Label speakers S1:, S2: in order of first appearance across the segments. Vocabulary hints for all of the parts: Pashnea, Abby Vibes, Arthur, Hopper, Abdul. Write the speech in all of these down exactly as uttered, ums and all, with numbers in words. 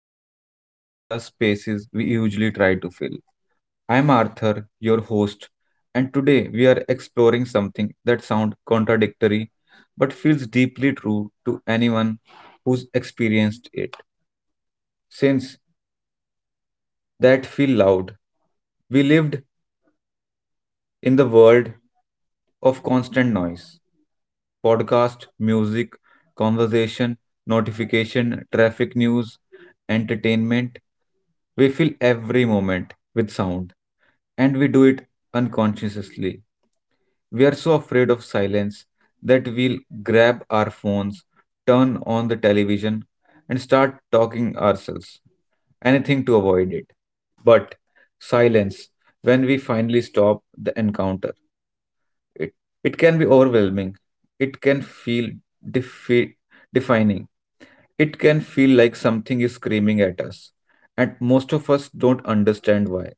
S1: where we explore the spaces we usually try to fill. I'm Arthur, your host, and today we are exploring something that sounds contradictory but feels deeply true to anyone who's experienced it. Since that feel loud, we lived in the world of constant noise, podcast, music, conversation, notification, traffic news, entertainment. We fill every moment with sound, and we do it unconsciously. We are so afraid of silence that we'll grab our phones, turn on the television, and start talking ourselves, anything to avoid it. But silence, when we finally stop the encounter, it, it can be overwhelming. It can feel defi- defining. It can feel like something is screaming at us, and most of us don't understand why,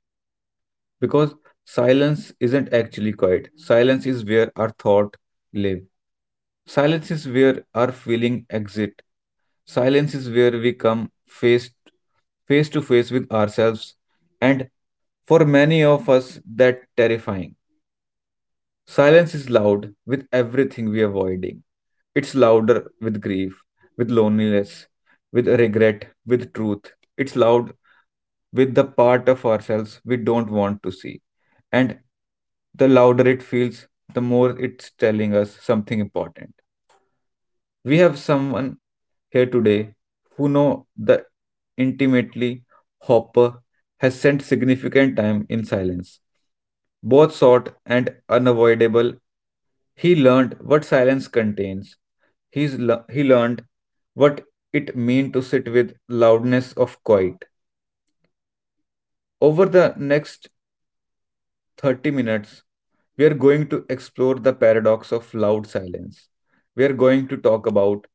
S1: because silence isn't actually quiet. Silence is where our thought live. Silence is where our feeling exit. Silence is where we come face face to face with ourselves, and for many of us that terrifying. Silence is loud with everything we are avoiding. It's louder with grief, with loneliness, with regret, with truth. It's loud with the part of ourselves we don't want to see. And the louder it feels, the more it's telling us something important. We have someone here today who know the intimately. Hopper has spent significant time in silence, both short and unavoidable. He learned what silence contains. He's le- he learned what it meant to sit with loudness of quiet. Over the next thirty minutes, we are going to explore the paradox of loud silence. We are going to talk about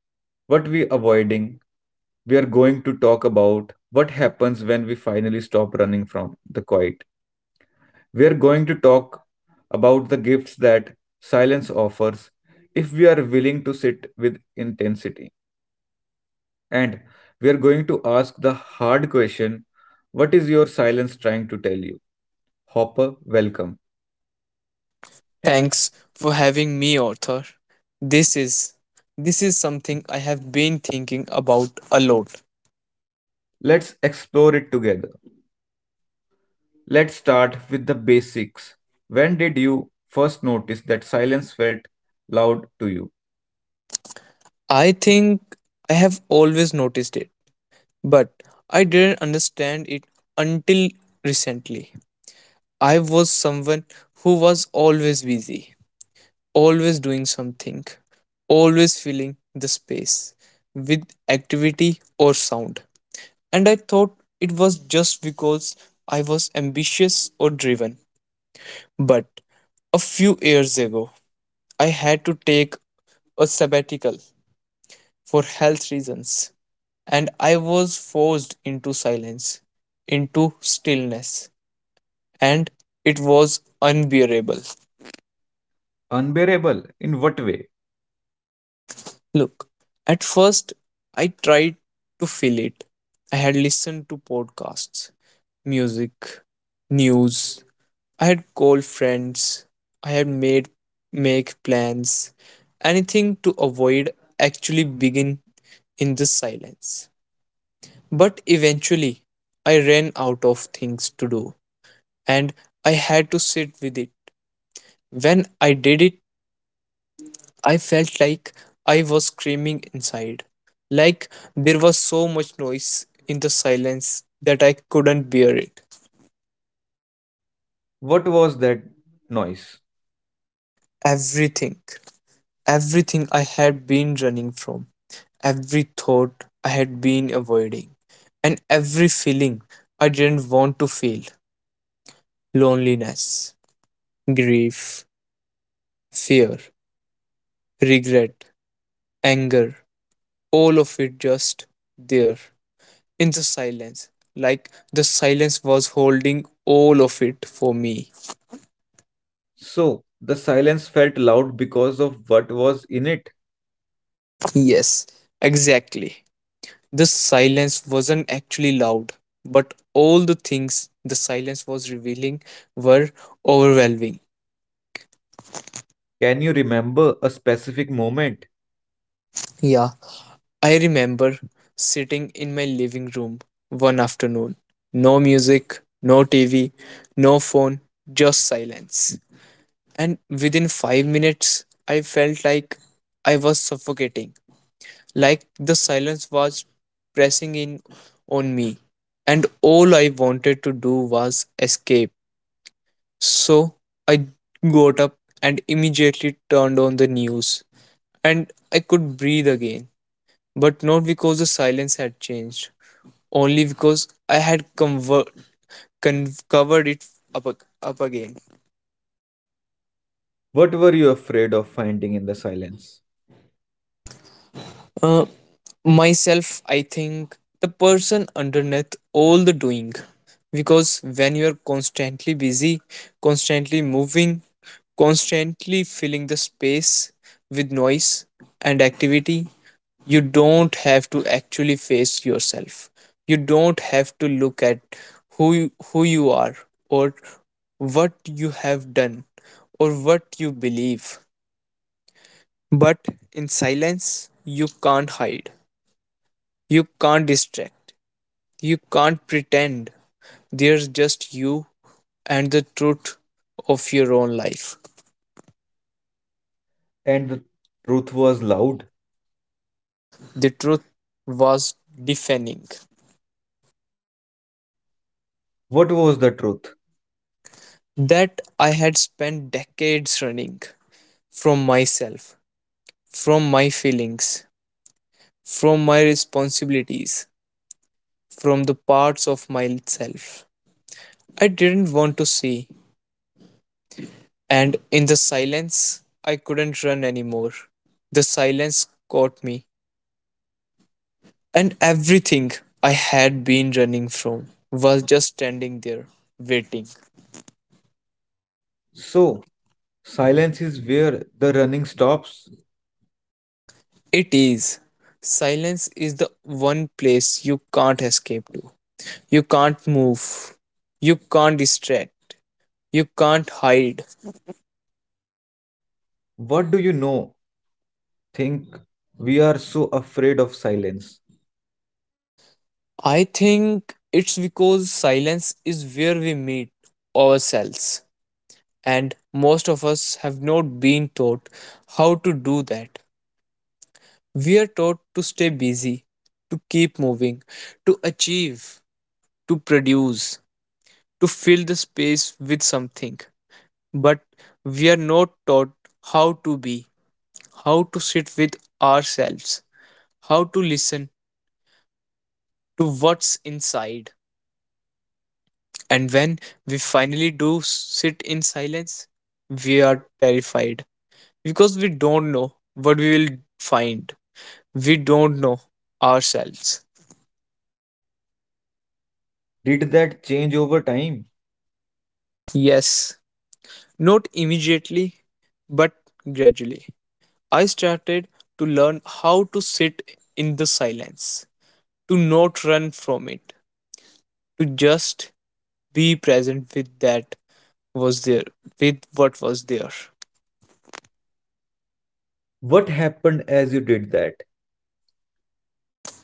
S1: what we avoiding. We are going to talk about what happens when we finally stop running from the quiet. We are going to talk about the gifts that silence offers if we are willing to sit with intensity. And we are going to ask the hard question: what is your silence trying to tell you? Hopper, welcome.
S2: Thanks for having me, Arthur. This is this is something I have been thinking about a lot.
S1: Let's explore it together. Let's start with the basics. When did you first notice that silence felt loud to you?
S2: I think I have always noticed it, but I didn't understand it until recently. I was someone who was always busy, always doing something, always filling the space with activity or sound. And I thought it was just because I was ambitious or driven. But a few years ago, I had to take a sabbatical for health reasons, and I was forced into silence, into stillness, and it was unbearable.
S1: Unbearable? In what way?
S2: Look, at first, I tried to fill it. I had listened to podcasts, music, news. I had called friends. I had made make plans. Anything to avoid actually begin in this silence. But eventually, I ran out of things to do and I had to sit with it. When I did it, I felt like I was screaming inside, like there was so much noise in the silence that I couldn't bear it.
S1: What was that noise?
S2: Everything, everything I had been running from, every thought I had been avoiding, and every feeling I didn't want to feel loneliness, grief, fear, regret, anger, all of it just there in the silence. Like the silence was holding all of it for me.
S1: So, the silence felt loud because of what was in it.
S2: Yes, exactly. The silence wasn't actually loud, but all the things the silence was revealing were overwhelming.
S1: Can you remember a specific moment?
S2: Yeah, I remember sitting in my living room one afternoon. No music, no T V, no phone, just silence. And within five minutes I felt like I was suffocating, like the silence was pressing in on me, and all I wanted to do was escape. So I got up and immediately turned on the news, and I could breathe again, but not because the silence had changed, only because I had conver- con- covered it up, ag- up again.
S1: What were you afraid of finding in the silence?
S2: Uh, Myself, I think the person underneath all the doing. Because when you're constantly busy, constantly moving, constantly filling the space with noise and activity, you don't have to actually face yourself. You don't have to look at who you, who you are or what you have done or what you believe. But in silence, you can't hide, you can't distract, you can't pretend. There's just you and the truth of your own life.
S1: And the truth was loud.
S2: The truth was deafening.
S1: What was the truth?
S2: That I had spent decades running from myself, from my feelings, from my responsibilities, from the parts of myself I didn't want to see. And in the silence, I couldn't run anymore. The silence caught me. And everything I had been running from was just standing there, waiting.
S1: So, silence is where the running stops.
S2: It is. Silence is the one place you can't escape to. You can't move. You can't distract. You can't hide.
S1: What do you know? Think we are so afraid of silence.
S2: I think it's because silence is where we meet ourselves. And most of us have not been taught how to do that. We are taught to stay busy, to keep moving, to achieve to produce, to fill the space with something. But we are not taught how to be, how to sit with ourselves, how to listen to what's inside. And when we finally do sit in silence, we are terrified because we don't know what we will find. We don't know ourselves.
S1: Did that change over time?
S2: Yes, not immediately, but gradually. I started to learn how to sit in the silence, to not run from it, to just be present with that was there, with what was there.
S1: What happened as you did that?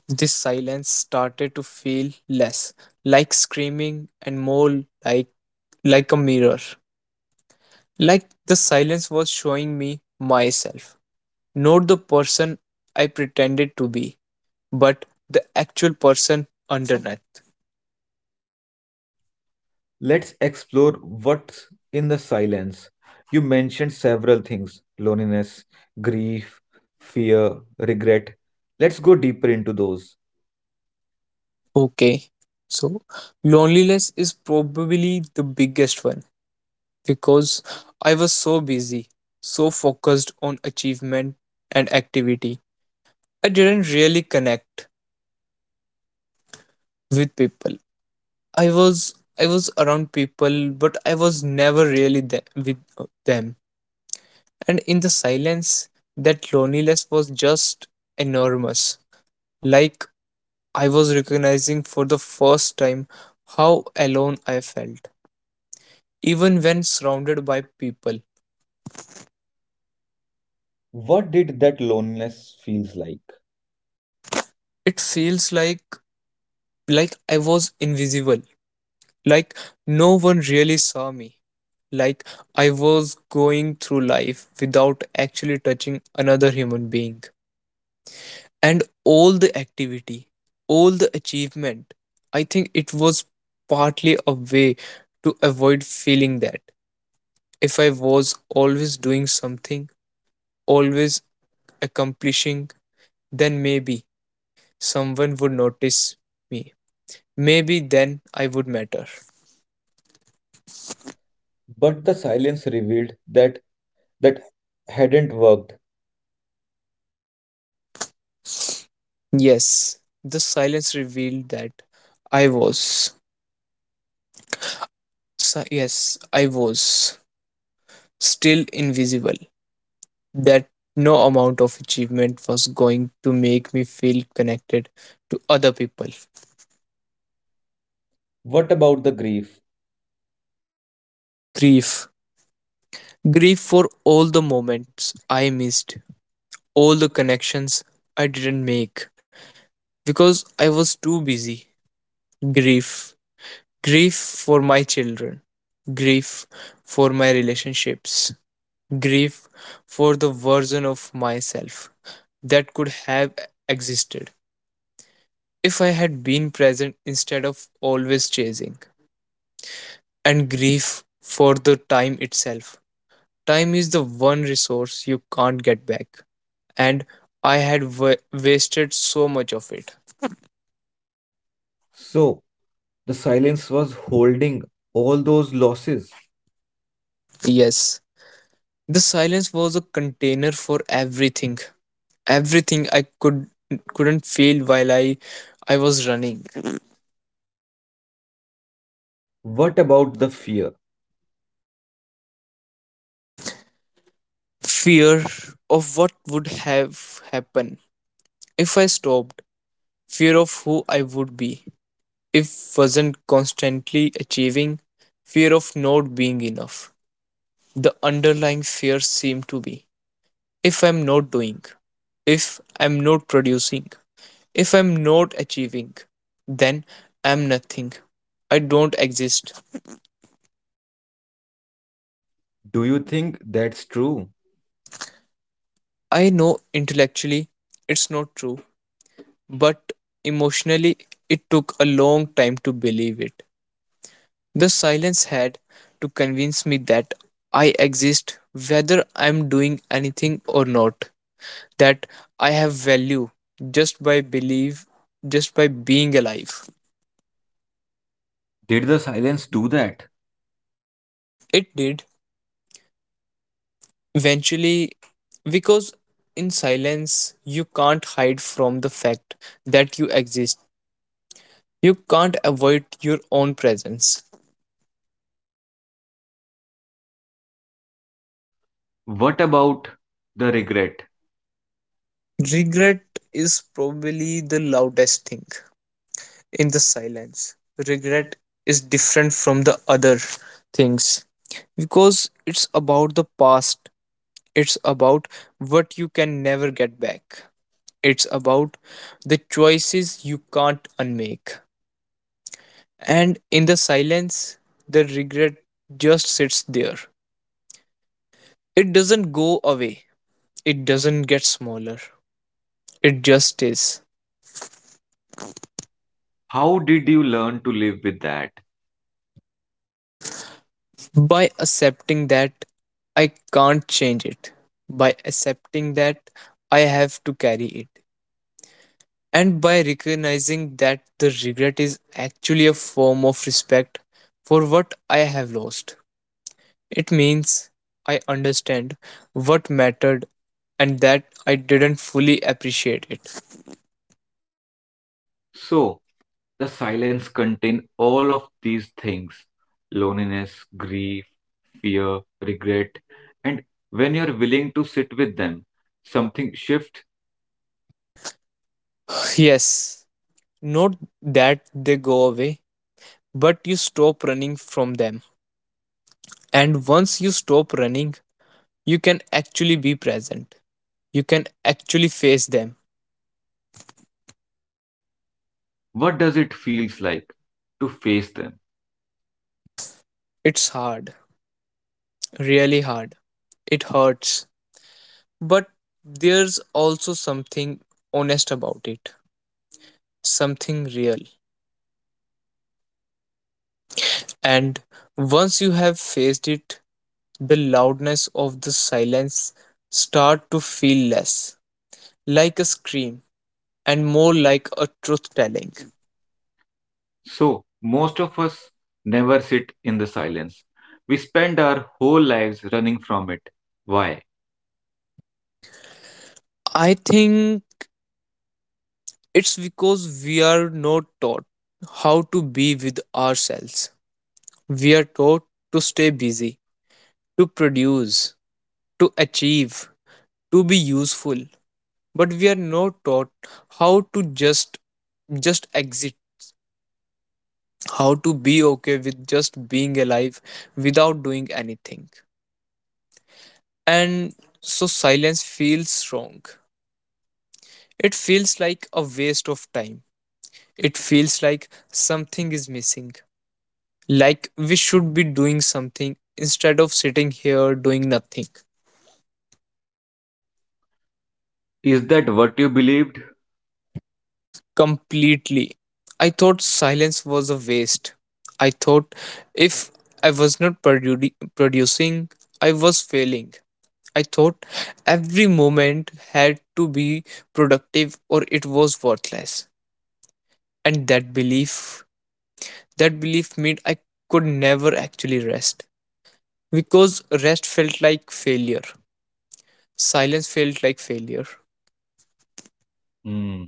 S2: This silence started to feel less like screaming and more like like a mirror. Like the silence was showing me myself, not the person I pretended to be, but the actual person underneath.
S1: Let's explore what's in the silence. You mentioned several things: loneliness, grief, fear, regret. Let's go deeper into those.
S2: Okay, so loneliness is probably the biggest one because I was so busy, so focused on achievement and activity. I didn't really connect with people. I was I was around people, but I was never really there with uh, them. And in the silence, that loneliness was just enormous. Like I was recognizing for the first time how alone I felt even when surrounded by people.
S1: What did that loneliness feels like?
S2: It feels like like I was invisible, like no one really saw me, like I was going through life without actually touching another human being. And all the activity, all the achievement, I think it was partly a way to avoid feeling that. If I was always doing something, always accomplishing, then maybe someone would notice me. Maybe then I would matter.
S1: But the silence revealed that that hadn't worked.
S2: Yes, the silence revealed that I was. Si- yes, I was still invisible. That no amount of achievement was going to make me feel connected to other people.
S1: What about the grief?
S2: Grief. Grief for all the moments I missed, all the connections I didn't make because I was too busy. Grief grief for my children, grief for my relationships, grief for the version of myself that could have existed if I had been present instead of always chasing, and grief for the time itself. Time is the one resource you can't get back, and I had wa- wasted so much of it.
S1: So, the silence was holding all those losses.
S2: Yes, the silence was a container for everything everything I could couldn't feel while i i was running
S1: What about the fear?
S2: fear of what would have happened if I stopped fear of who I would be if wasn't constantly achieving fear of not being enough the underlying fear seemed to be if I'm not doing if I'm not producing if I'm not achieving then I'm nothing I don't exist
S1: Do you think that's true?
S2: I know intellectually it's not true but emotionally it took a long time to believe it. The silence had to convince me that I exist whether I'm doing anything or not, that I have value just by believe just by being alive.
S1: Did the silence do that?
S2: It did eventually because in silence you can't hide from the fact that you exist. You can't avoid your own presence.
S1: What about the regret?
S2: Regret is probably the loudest thing in the silence. Regret is different from the other things because it's about the past, it's about what you can never get back, it's about the choices you can't unmake. And in the silence, the regret just sits there. It doesn't go away, it doesn't get smaller, it just is.
S1: How did you learn to live with that?
S2: By accepting that I can't change it, by accepting that I have to carry it, and by recognizing that the regret is actually a form of respect for what I have lost. It means I understand what mattered and that I didn't fully appreciate it.
S1: So, the silence contain all of these things: loneliness, grief, fear, regret. And when you're willing to sit with them, something shift.
S2: Yes, not that they go away, but you stop running from them. And once you stop running, you can actually be present. You can actually face them.
S1: What does it feels like to face them?
S2: It's hard, really hard. It hurts. But there's also something honest about it, something real. And once you have faced it, the loudness of the silence start to feel less like a scream and more like a truth
S1: Correct.
S2: telling.
S1: So, most of us never sit in the silence. We spend our whole lives running from it. Why?
S2: I think it's because we are not taught how to be with ourselves. We are taught to stay busy, to produce, to achieve, to be useful. But we are not taught how to just just exit, how to be okay with just being alive without doing anything. And so silence feels wrong. It feels like a waste of time. It feels like something is missing. Like we should be doing something instead of sitting here doing nothing.
S1: Is that what you believe?
S2: Completely. I thought silence was a waste. I thought if I was not produ- producing, I was failing. I thought every moment had to be productive or it was worthless. And that belief, that belief meant I could never actually rest because rest felt like failure. Silence felt like failure.
S1: Hmm.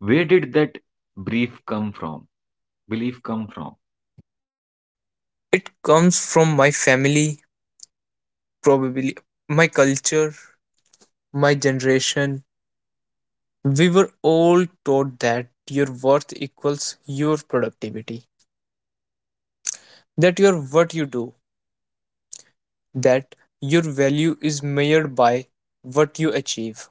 S1: Where did that brief come from? Belief come from?
S2: It comes from my family, probably my culture, my generation. We were all taught that your worth equals your productivity, that you're what you do, that your value is measured by what you achieve,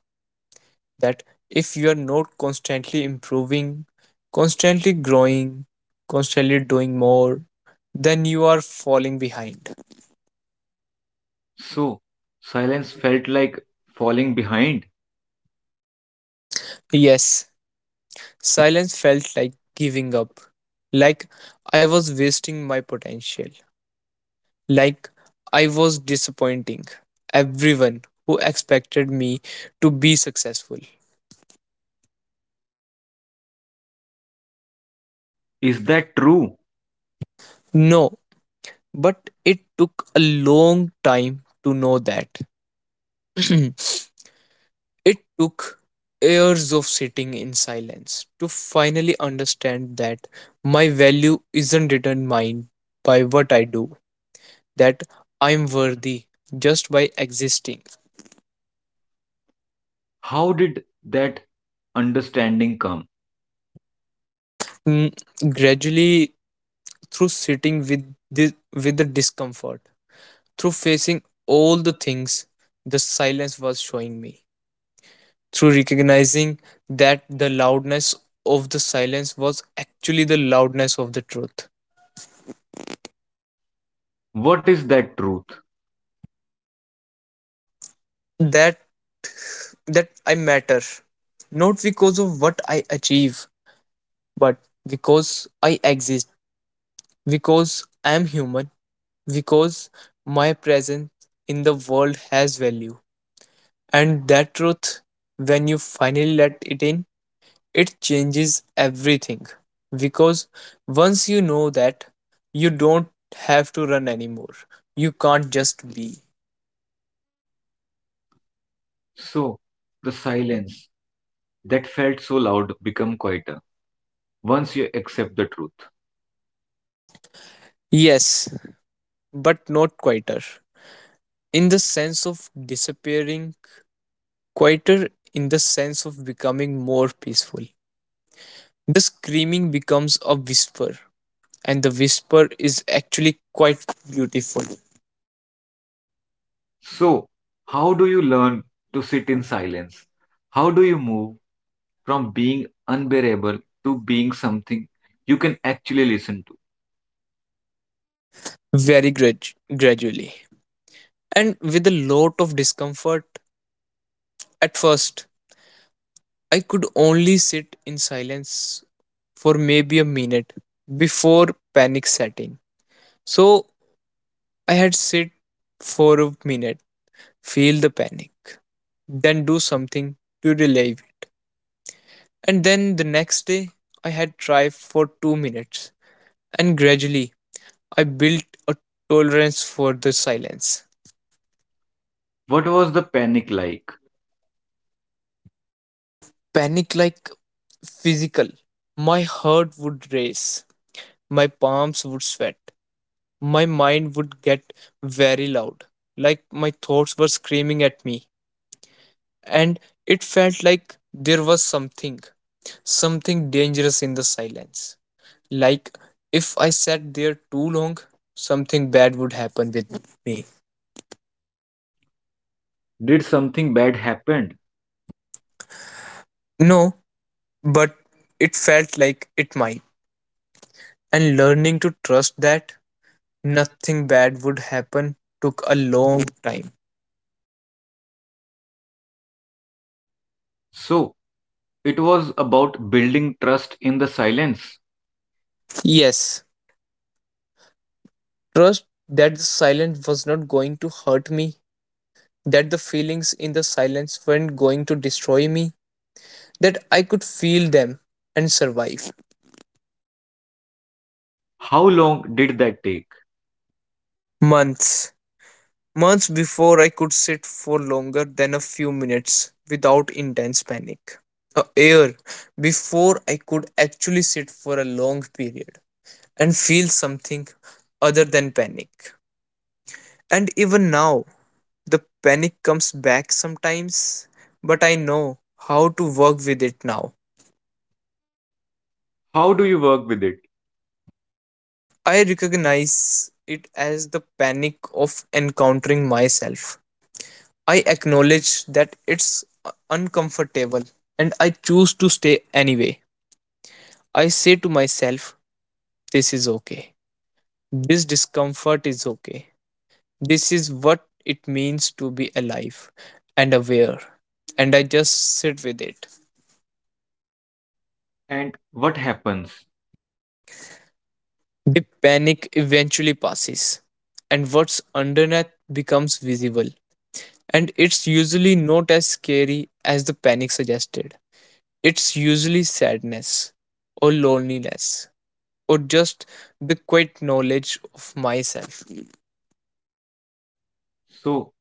S2: that if you are not constantly improving, constantly growing, constantly doing more, then you are falling behind.
S1: So, silence felt like falling behind.
S2: Yes, silence felt like giving up, like I was wasting my potential. Like I was disappointing everyone who expected me to be successful.
S1: Is that true?
S2: No, but it took a long time to know that. It took years of sitting in silence to finally understand that my value isn't determined by what I do, that I'm worthy just by existing.
S1: How did that understanding come?
S2: Mm, Gradually, through sitting with the, with the discomfort, through facing all the things the silence was showing me, through recognizing that the loudness of the silence was actually the loudness of the truth.
S1: What is that truth?
S2: Mm, that that I matter, not because of what I achieve, but because I exist, because I am human, because my presence in the world has value. And that truth, when you finally let it in, it changes everything because once you know that you don't have to run anymore you can't just be
S1: So, the silence that felt so loud become quieter once you accept the truth.
S2: yes but not quieter in the sense of disappearing quieter in the sense of becoming more peaceful the screaming becomes a whisper and the whisper is actually quite beautiful
S1: So, how do you learn to sit in silence? How do you move from being unbearable to being something you can actually listen to?
S2: very grad- gradually and with a lot of discomfort at first I could only sit in silence for maybe a minute before panic setting. So I had sit for a minute, feel the panic, then do something to relieve it. And then the next day I had try for two minutes and gradually I built a tolerance for the silence.
S1: What was the panic like?
S2: Panic like physical. My heart would race, my palms would sweat, my mind would get very loud, like my thoughts were screaming at me. And it felt like there was something, something dangerous in the silence. Like if I sat there too long, something bad would happen with me.
S1: Did something bad happen?
S2: No, but it felt like it might. And learning to trust that nothing bad would happen took a long time.
S1: So, it was about building trust in the silence.
S2: Yes, trust that the silence was not going to hurt me, that the feelings in the silence weren't going to destroy me, that I could feel them and survive.
S1: How long did that take?
S2: Months. Months before I could sit for longer than a few minutes without intense panic. A year before I could actually sit for a long period and feel something other than panic. And even now, the panic comes back sometimes, but I know how to work with it now.
S1: How do you work with it?
S2: I recognize it as the panic of encountering myself. I acknowledge that it's uh, uncomfortable, and I choose to stay anyway. I say to myself, this is okay. This discomfort is okay. This is what it means to be alive and aware. And I just sit with it.
S1: And what happens?
S2: The panic eventually passes, and what's underneath becomes visible. And it's usually not as scary as the panic suggested. It's usually sadness or loneliness or just the quiet knowledge of myself.
S1: So,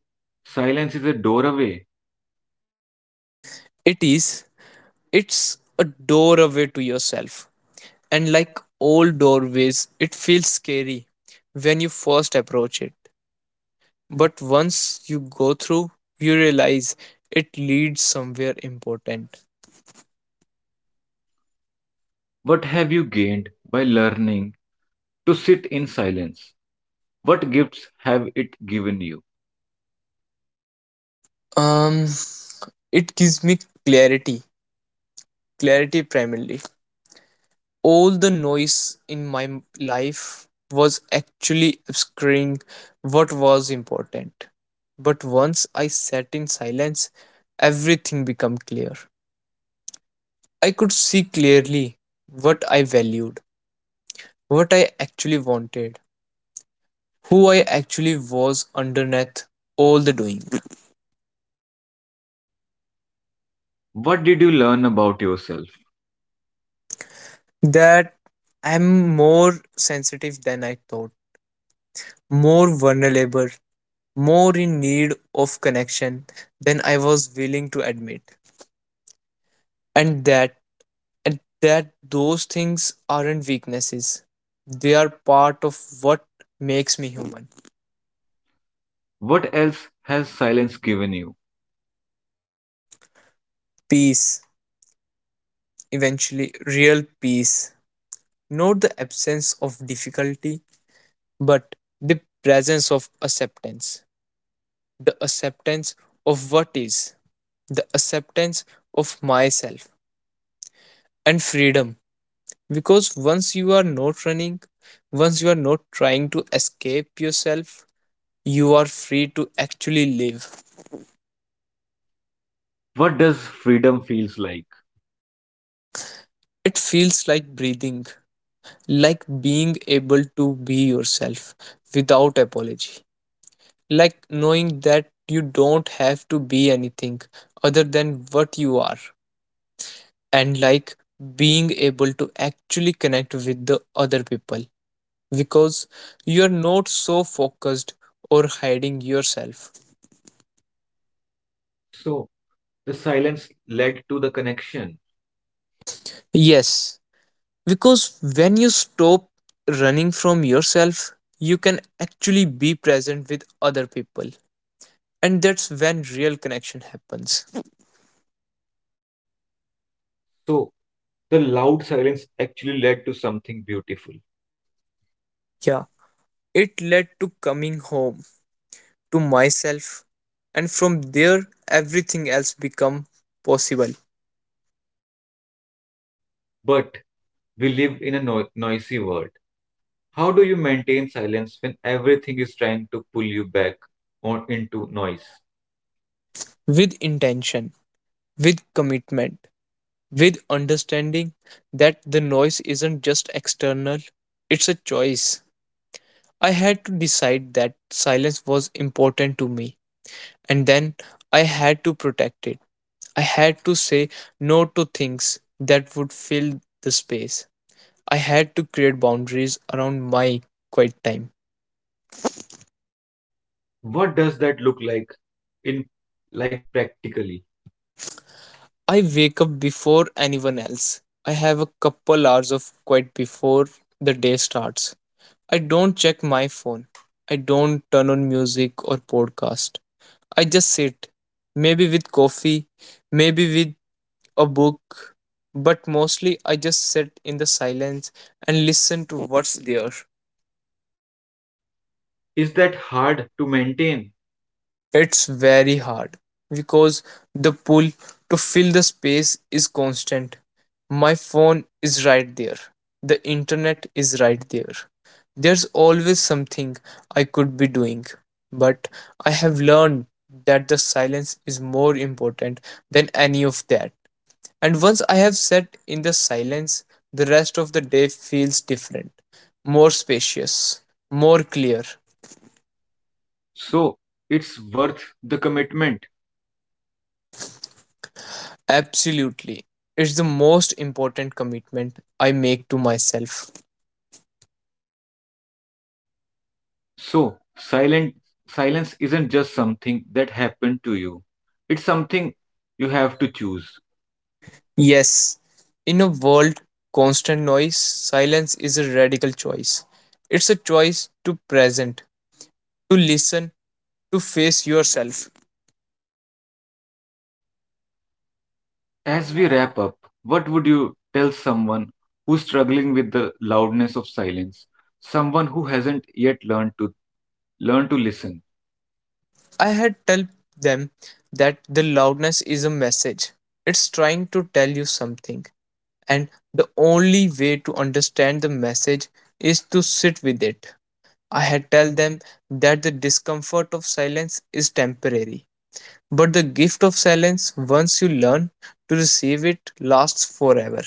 S1: silence is a doorway.
S2: It is, it's a doorway to yourself, and like all doorways, it feels scary when you first approach it. But once you go through, you realize it leads somewhere important.
S1: What have you gained by learning to sit in silence? What gifts have it given you?
S2: Um, it gives me clarity, clarity primarily. All the noise in my life was actually obscuring what was important. But once I sat in silence, everything became clear. I could see clearly what I valued, what I actually wanted, who I actually was underneath all the doing.
S1: What did you learn about yourself?
S2: That I'm more sensitive than I thought, more vulnerable, more in need of connection than I was willing to admit. and that and that those things aren't weaknesses, they are part of what makes me human.
S1: What else has silence given you?
S2: Peace, eventually, real peace, not the absence of difficulty, but the presence of acceptance, the acceptance of what is, the acceptance of myself, and freedom, because once you are not running, once you are not trying to escape yourself, you are free to actually live.
S1: What does freedom feels like?
S2: It feels like breathing, like being able to be yourself without apology, like knowing that you don't have to be anything other than what you are, and like being able to actually connect with the other people, because you are not so focused or hiding yourself.
S1: So, the silence led to the connection.
S2: Yes, because when you stop running from yourself, you can actually be present with other people, and that's when real connection happens.
S1: So, the loud silence actually led to something beautiful.
S2: Yeah, it led to coming home to myself, and from there everything else become possible.
S1: But we live in a no- noisy world. How do you maintain silence when everything is trying to pull you back on into noise?
S2: With intention, with commitment, with understanding that the noise isn't just external, it's a choice. I had to decide that silence was important to me, and then I had to protect it. I had to say no to things that would fill the space. I had to create boundaries around my quiet time.
S1: What does that look like, in, like, practically?
S2: I wake up before anyone else. I have a couple hours of quiet before the day starts. I don't check my phone. I don't turn on music or podcast. I just sit, maybe with coffee, maybe with a book, but mostly I just sit in the silence and listen to what's there.
S1: Is that hard to maintain?
S2: It's very hard because the pull to fill the space is constant. My phone is right there. The internet is right there. There's always something I could be doing. But I have learned that the silence is more important than any of that. And once I have sat in the silence, the rest of the day feels different, more spacious, more clear.
S1: So, it's worth the commitment.
S2: Absolutely. It's the most important commitment I make to myself.
S1: So silent Silence isn't just something that happened to you, it's something you have to choose.
S2: Yes, in a world constant noise, silence is a radical choice. It's a choice to present, to listen, to face yourself.
S1: As we wrap up, what would you tell someone who's struggling with the loudness of silence, someone who hasn't yet learned to learn to listen?
S2: I had tell them that the loudness is a message. It's trying to tell you something, and the only way to understand the message is to sit with it. I had tell them that the discomfort of silence is temporary, but the gift of silence, once you learn to receive it, lasts forever.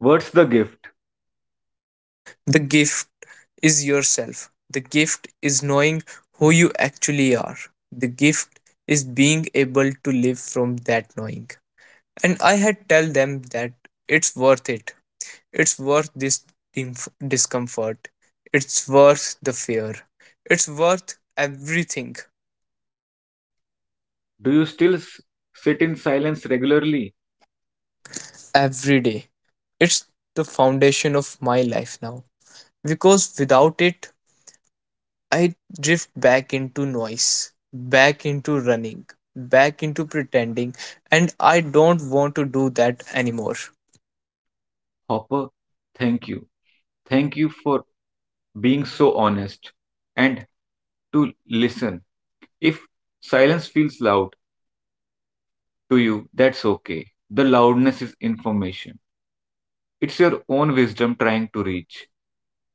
S1: What's the gift?
S2: The gift is yourself. The gift is knowing who you actually are. The gift is being able to live from that knowing. And I had tell them that it's worth it. It's worth this dimf- discomfort. It's worth the fear. It's worth everything.
S1: Do you still s- sit in silence regularly?
S2: Every day. It's the foundation of my life now, because without it, I drift back into noise, back into running, back into pretending, and I don't want to do that anymore.
S1: Hopper, thank you. Thank you for being so honest and to listen. If silence feels loud to you, that's okay. The loudness is information, it's your own wisdom trying to reach.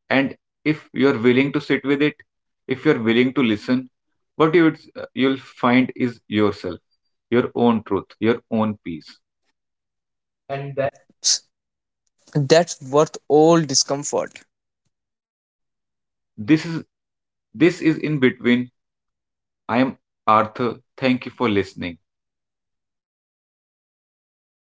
S1: And if you're willing to sit with it, if you're willing to listen, what you would, uh, you'll find is yourself, your own truth, your own peace. And
S2: And
S1: that.
S2: that's that's worth all discomfort.
S1: This is this is in between. I am Arthur. Thank you for listening.